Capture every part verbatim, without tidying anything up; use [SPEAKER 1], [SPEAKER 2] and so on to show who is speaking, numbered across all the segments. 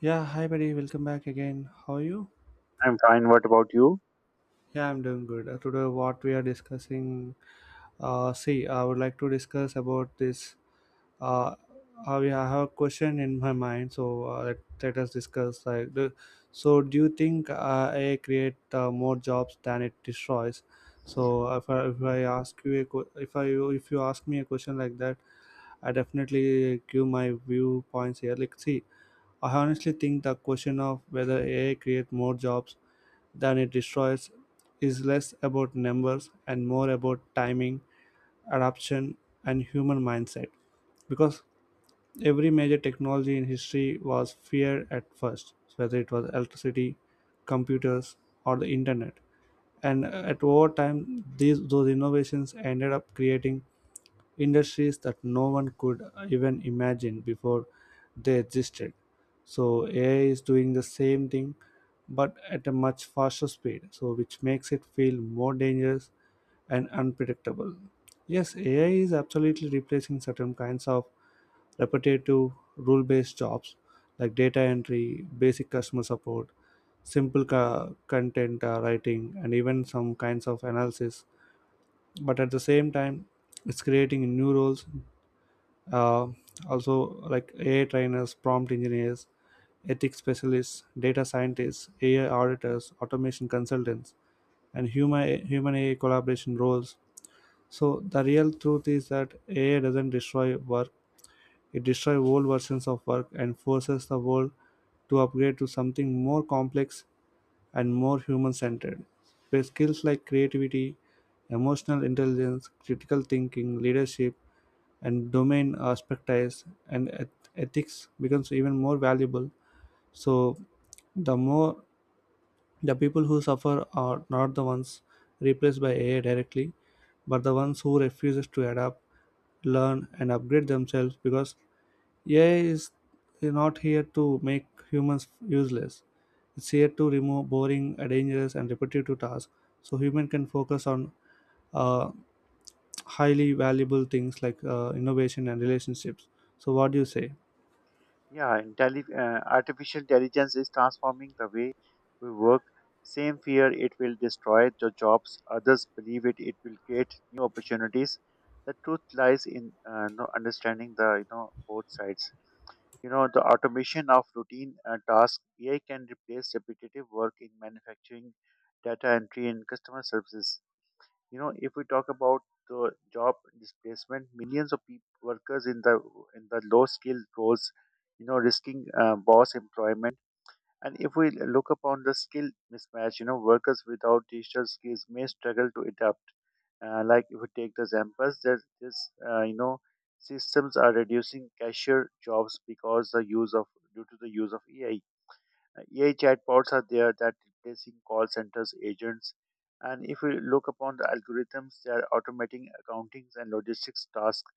[SPEAKER 1] Yeah, hi buddy, welcome back again. How are you?
[SPEAKER 2] I'm fine. What about you?
[SPEAKER 1] Yeah, I'm doing good. Uh, today, what we are discussing, uh, see, I would like to discuss about this. Uh, uh, we- I have a question in my mind, so uh, let, let us discuss. Like, the, so do you think uh, A I create uh, more jobs than it destroys? So if I, if I ask you a, que- if I if you ask me a question like that, I definitely give my viewpoints here. Like, see, I honestly think the question of whether A I create more jobs than it destroys is less about numbers and more about timing, adaptation, and human mindset. Because every major technology in history was feared at first, whether it was electricity, computers, or the internet. And uh, at over time, these those innovations ended up creating industries that no one could even imagine before they existed. So A I is doing the same thing but at a much faster speed, so which makes it feel more dangerous and unpredictable. Yes, A I is absolutely replacing certain kinds of repetitive rule based jobs like data entry, basic customer support, simple co- content uh, writing, and even some kinds of analysis. But at the same time, it's creating new roles, uh, also like A I trainers, prompt engineers, ethics specialists, data scientists, A I auditors, automation consultants, and human human A I collaboration roles. So the real truth is that A I doesn't destroy work, it destroys old versions of work and forces the world to upgrade to something more complex and more human centered, where skills like creativity, emotional intelligence, critical thinking, leadership, and domain expertise and eth- ethics becomes even more valuable. So the more the people who suffer are not the ones replaced by A I directly, but the ones who refuses to adapt, learn and upgrade themselves, because A I is not here to make humans useless. It's here to remove boring, dangerous and repetitive tasks, so human can focus on uh, highly valuable things like uh, innovation and relationships. So, what do you say?
[SPEAKER 2] Yeah, intelli- uh, artificial intelligence is transforming the way we work. Same fear it will destroy the jobs. Others believe it. It will create new opportunities. The truth lies in uh, no understanding the you know both sides. You know the automation of routine uh, tasks. A I can replace repetitive work in manufacturing, data entry, and customer services. You know if we talk about the job displacement, millions of peop workers in the in the low skilled roles, you know, risking uh, boss employment. And if we look upon the skill mismatch, you know, workers without digital skills may struggle to adapt. Uh, like if we take the examples that this uh, you know systems are reducing cashier jobs because the use of due to the use of ai A I chatbots are there that replacing call centers agents. And if we look upon the algorithms, they are automating accountings and logistics tasks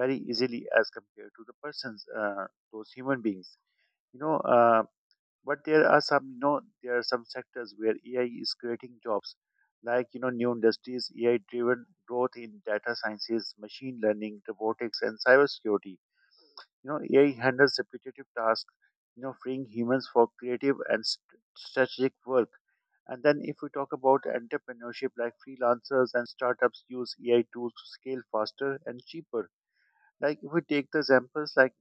[SPEAKER 2] very easily as compared to the persons, uh, those human beings. You know, uh, but there are some, you know, there are some sectors where A I is creating jobs, like you know, new industries, A I-driven growth in data sciences, machine learning, robotics, and cybersecurity. You know, A I handles repetitive tasks, you know, freeing humans for creative and st- strategic work. And then, if we talk about entrepreneurship, like freelancers and startups use A I tools to scale faster and cheaper. Like if we take the examples, like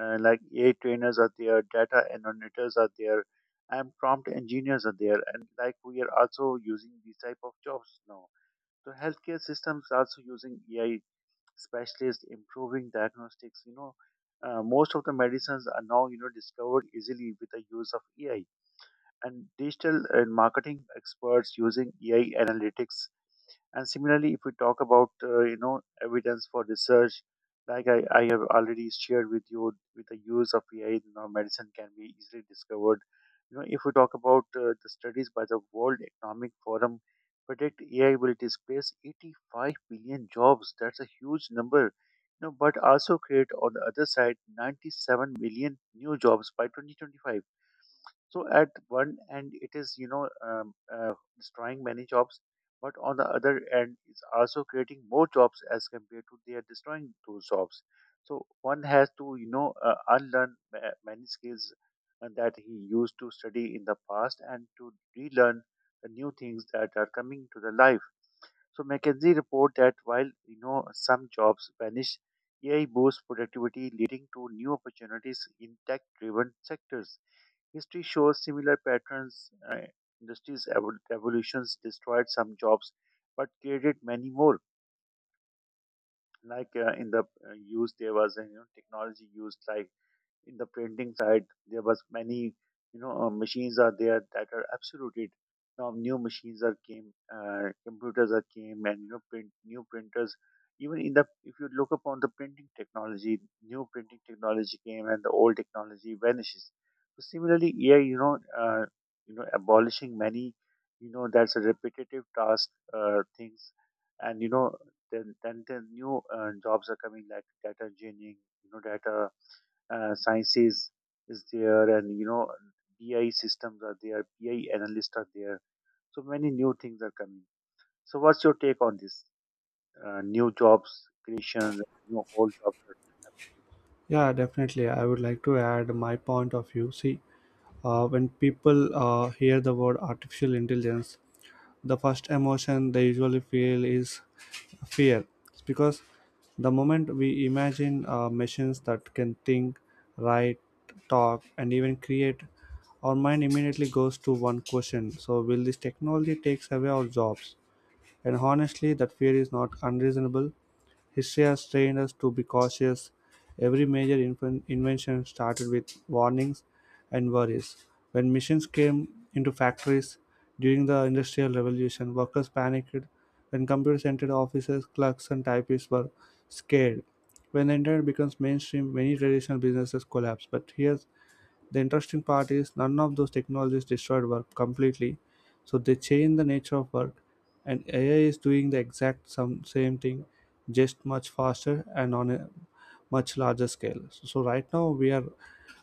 [SPEAKER 2] uh, like A I trainers are there, data annotators are there, and prompt engineers are there, and like we are also using these type of jobs now. So healthcare systems are also using A I specialists improving diagnostics, you know, uh, most of the medicines are now, you know, discovered easily with the use of AI. And digital and marketing experts using A I analytics. And similarly, if we talk about uh, you know evidence for research, like I, I have already shared with you, with the use of A I, you know, medicine can be easily discovered. You know, if we talk about uh, the studies by the World Economic Forum, predict A I will displace eighty-five billion jobs. That's a huge number. You know, but also create on the other side ninety-seven million new jobs by twenty twenty-five. So at one end, it is, you know um, uh, destroying many jobs, but on the other end, it's also creating more jobs as compared to they are destroying those jobs. So one has to, you know uh, unlearn ma- many skills uh, that he used to study in the past and to relearn the new things that are coming to the life. So McKinsey report that while, you know, some jobs vanish, A I boosts productivity, leading to new opportunities in tech-driven sectors. History shows similar patterns. Uh, industries' evol- evolutions destroyed some jobs, but created many more. Like uh, in the uh, use, there was uh, you know, technology used, like in the printing side there was many, you know, uh, machines are there that are absolutely now new machines are came, uh, computers are came, and you know print new printers, even in the if you look upon the printing technology new printing technology came and the old technology vanishes. So similarly AI, you know, uh, you know abolishing many, you know, that's a repetitive task uh, things. And you know then then the new uh, jobs are coming like data engineering, you know, data uh, sciences, is there. And you know bi systems are there, bi analysts are there, so many new things are coming. So what's your take on this uh, new jobs creations, you know, old jobs?
[SPEAKER 1] Yeah, definitely. I would like to add my point of view. See, uh, when people uh, hear the word artificial intelligence, the first emotion they usually feel is fear. It's because the moment we imagine uh, machines that can think, write, talk, and even create, our mind immediately goes to one question: so will this technology takes away our jobs? And honestly, that fear is not unreasonable. History has trained us to be cautious. Every major inven- invention started with warnings and worries. When machines came into factories during the Industrial Revolution, workers panicked. When computers entered offices, clerks and typists were scared. When the internet becomes mainstream, many traditional businesses collapse. But here the interesting part is none of those technologies destroyed work completely, so they change the nature of work. And A I is doing the exact some same thing, just much faster and on a much larger scale. So so right now we are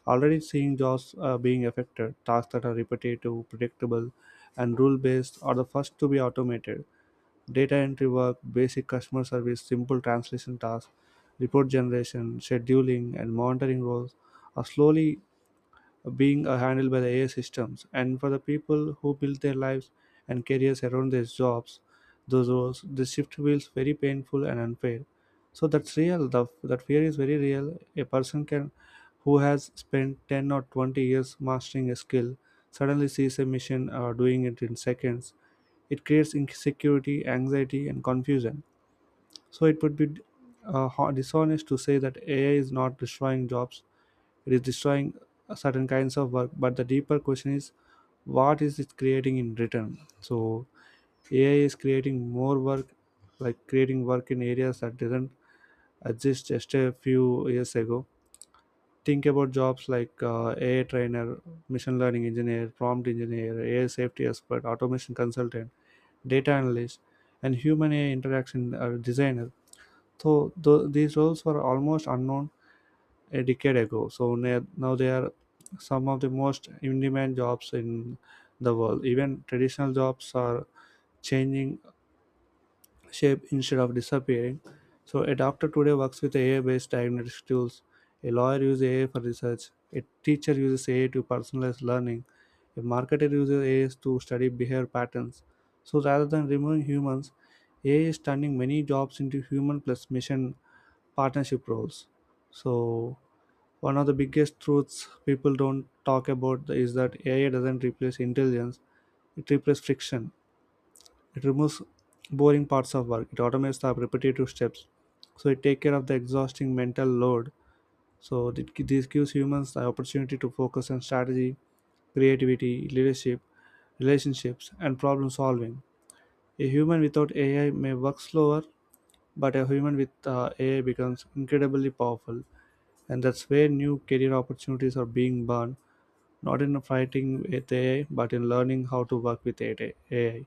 [SPEAKER 1] already seeing jobs uh, being affected. Tasks that are repetitive, predictable, and rule-based are the first to be automated. Data entry work, basic customer service, simple translation tasks, report generation, scheduling, and monitoring roles are slowly being uh, handled by the A I systems. And for the people who build their lives and careers around their jobs, those roles, this shift feels very painful and unfair. So that's real. The, that fear is very real. A person can, who has spent ten or twenty years mastering a skill, suddenly sees a machine uh, doing it in seconds. It creates insecurity, anxiety, and confusion. So it would be uh, ho- dishonest to say that A I is not destroying jobs. It is destroying certain kinds of work, but the deeper question is, what is it creating in return? So AI is creating more work, like creating work in areas that didn't exist just a few years ago. Think about jobs like uh, A I trainer, machine learning engineer, prompt engineer, A I safety expert, automation consultant, data analyst, and human A I interaction uh, designer. So th- these roles were almost unknown a decade ago. So na- now they are some of the most in-demand jobs in the world. Even traditional jobs are changing shape instead of disappearing. So a doctor today works with A I-based diagnostic tools. A lawyer uses A I for research. A teacher uses A I to personalize learning. A marketer uses A I to study behavior patterns. So rather than removing humans, A I is turning many jobs into human plus mission partnership roles. So one of the biggest truths people don't talk about is that A I doesn't replace intelligence, it replaces friction. It removes boring parts of work, it automates the repetitive steps, so it takes care of the exhausting mental load. So th- this gives humans the opportunity to focus on strategy, creativity, leadership, relationships, and problem solving. A human without A I may work slower, but a human with uh, A I becomes incredibly powerful, and that's where new career opportunities are being born, not in fighting with A I, but in learning how to work with A I.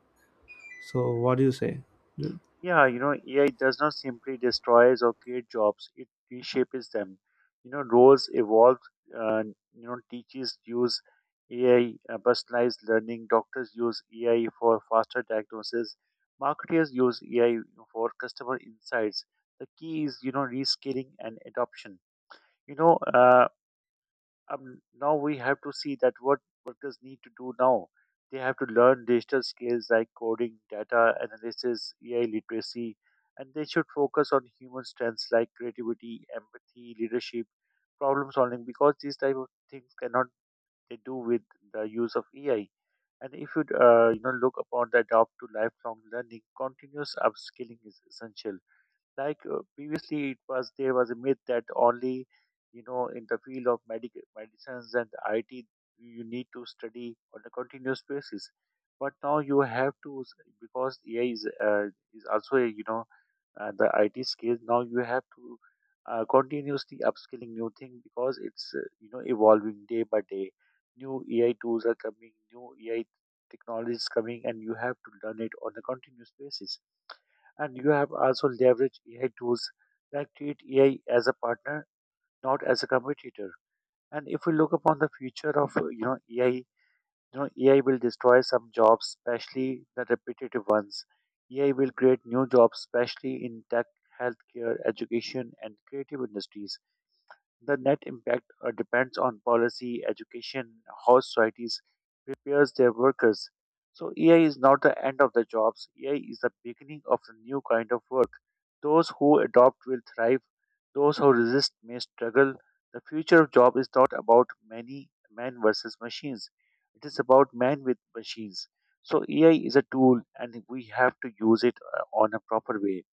[SPEAKER 1] So, what do you say? Do-
[SPEAKER 2] Yeah, you know, A I does not simply destroys or create jobs; it reshapes them. You know, roles evolve. Uh, you know, Teachers use A I uh, personalized learning. Doctors use A I for faster diagnosis. Marketers use A I for customer insights. The key is, you know, reskilling and adoption. You know, uh, um, Now we have to see that what workers need to do now. They have to learn digital skills like coding, data analysis, A I literacy, and they should focus on human strengths like creativity, empathy, leadership, problem solving, because these type of things cannot they do with the use of A I. And if you uh, you know look upon the adopt to lifelong learning, continuous upskilling is essential. Like uh, previously it was there was a myth that only, you know, in the field of medic medicines and I T you need to study on a continuous basis, but now you have to s- because A I is uh, is also a, you know, uh, the I T skills now you have to uh, continuously upskilling new thing because it's, uh, you know evolving day by day, new A I tools are coming, new A I technologies coming, and you have to learn it on a continuous basis. And you have also leveraged A I tools that treat A I as a partner, not as a competitor. And if we look upon the future of uh, you know A I, you know A I will destroy some jobs, especially the repetitive ones. A I will create new jobs, especially in tech, healthcare, education, and creative industries. The net impact uh, depends on policy, education, how societies prepares their workers. So A I is not the end of the jobs. A I is the beginning of a new kind of work. Those who adopt will thrive. Those who resist may struggle. The future of job is not about many man versus machines. It is about man with machines. So A I is a tool, and we have to use it uh, on a proper way.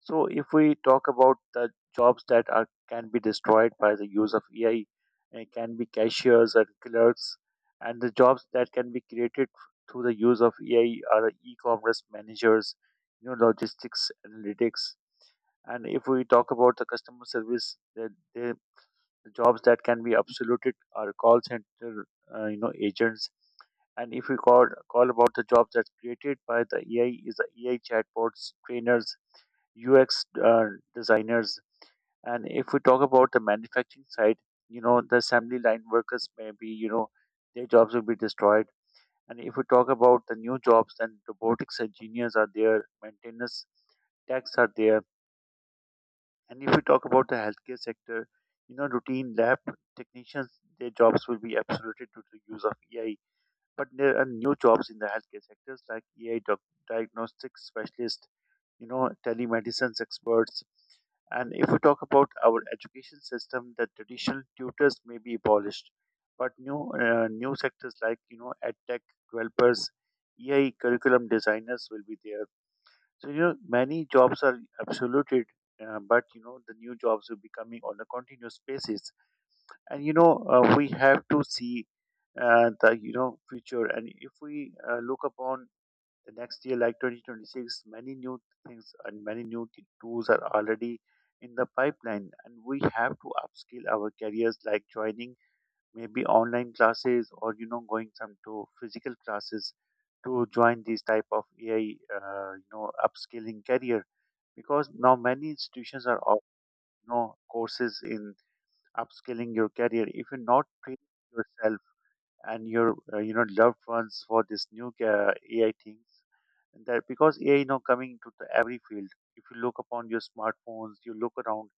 [SPEAKER 2] So if we talk about the jobs that are can be destroyed by the use of A I, it can be cashiers and clerks, and the jobs that can be created through the use of A I are the e-commerce managers, you know, logistics analytics. And if we talk about the customer service, the, the, the jobs that can be obsoleted are call center, uh, you know, agents. And if we call call about the jobs that's created by the A I is the A I chatbots, trainers, U X uh, designers. And if we talk about the manufacturing side, you know, the assembly line workers may be, you know, their jobs will be destroyed. And if we talk about the new jobs, then robotics engineers are there, maintenance techs are there. And if we talk about the healthcare sector, you know, routine lab technicians, their jobs will be absolutely due to the use of A I. But there are new jobs in the healthcare sectors like A I doc- diagnostic specialists, you know, telemedicine experts. And if we talk about our education system, the traditional tutors may be abolished, but new uh, new sectors like, you know, edtech developers, e i curriculum designers will be there. So, you know, many jobs are absoluted, uh, but you know the new jobs will be coming on a continuous basis. And you know uh, we have to see uh, the you know future. And if we uh, look upon the next year, like twenty twenty-six, many new things and many new t- tools are already in the pipeline, and we have to upskill our careers like joining maybe online classes or you know going some to physical classes to join these type of A I uh, you know upskilling career because now many institutions are offering, you know, courses in upskilling your career if you not train yourself and your, uh, you know, loved ones for this new uh, A I things. And that because A I, you know, coming into the every field. If you look upon your smartphones, you look around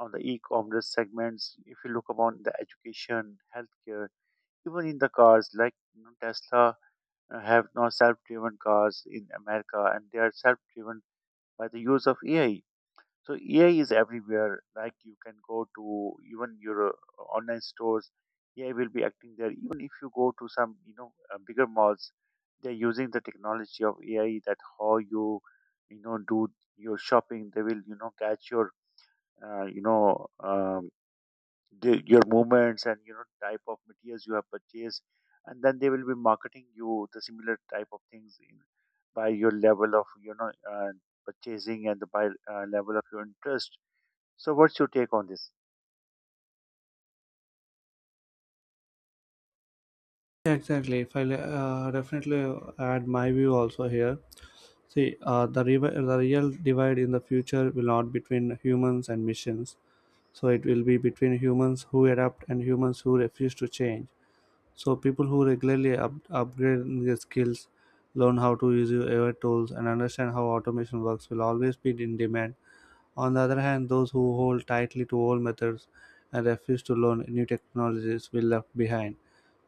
[SPEAKER 2] on the e-commerce segments. If you look upon the education, healthcare, even in the cars, like, you know, Tesla uh, have now self-driven cars in America, and they are self-driven by the use of A I. So A I is everywhere. Like you can go to even your uh, online stores, A I will be acting there. Even if you go to some, you know, uh, bigger malls, they're using the technology of A I that how you, you know, do your shopping. They will, you know, catch your, uh, you know, um, the, your movements and you know type of materials you have purchased, and then they will be marketing you the similar type of things in, by your level of, you know, uh, purchasing and by uh, level of your interest. So, what's your take on this?
[SPEAKER 1] Yeah, exactly. If I uh, definitely add my view also here. See, uh, the, revi- the real divide in the future will not between humans and machines. So it will be between humans who adapt and humans who refuse to change. So people who regularly up- upgrade their skills, learn how to use A I tools, and understand how automation works will always be in demand. On the other hand, those who hold tightly to old methods and refuse to learn new technologies will left behind.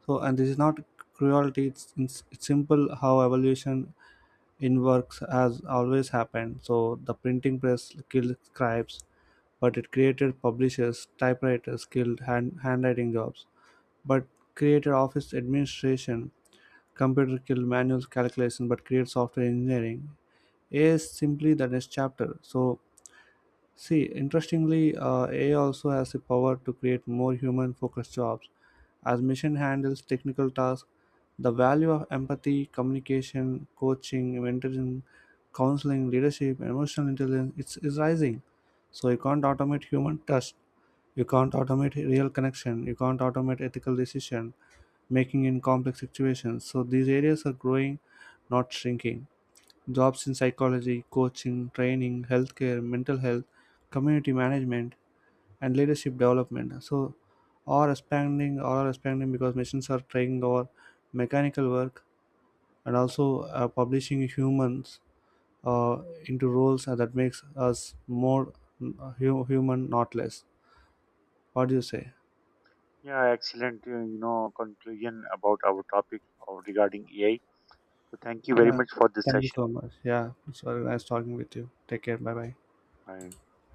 [SPEAKER 1] So, and this is not cruelty. It's, it's, it's simple how evolution in works has always happened. So, the printing press killed scribes, but it created publishers. Typewriters killed hand, handwriting jobs, but created office administration. Computer killed manual calculation, but created software engineering. A I is simply the next chapter. So See, interestingly, uh, A I also has the power to create more human focused jobs. As machine handles technical tasks, the value of empathy, communication, coaching, mentoring, counseling, leadership, and emotional intelligence it's, is rising. So, you can't automate human touch, you can't automate real connection, you can't automate ethical decision making in complex situations. So, these areas are growing, not shrinking. Jobs in psychology, coaching, training, healthcare, mental health, community management, and leadership development. So, are expanding, are expanding because machines are taking over mechanical work and also uh, publishing humans uh, into roles that makes us more uh, hu- human, not less. What do you say?
[SPEAKER 2] Yeah, excellent. uh, You know, conclusion about our topic of regarding A I. So, thank you very
[SPEAKER 1] Yeah.
[SPEAKER 2] much for this
[SPEAKER 1] Thank you
[SPEAKER 2] session.
[SPEAKER 1] so much. Yeah, it's very nice talking with you. Take care. Bye bye.
[SPEAKER 2] I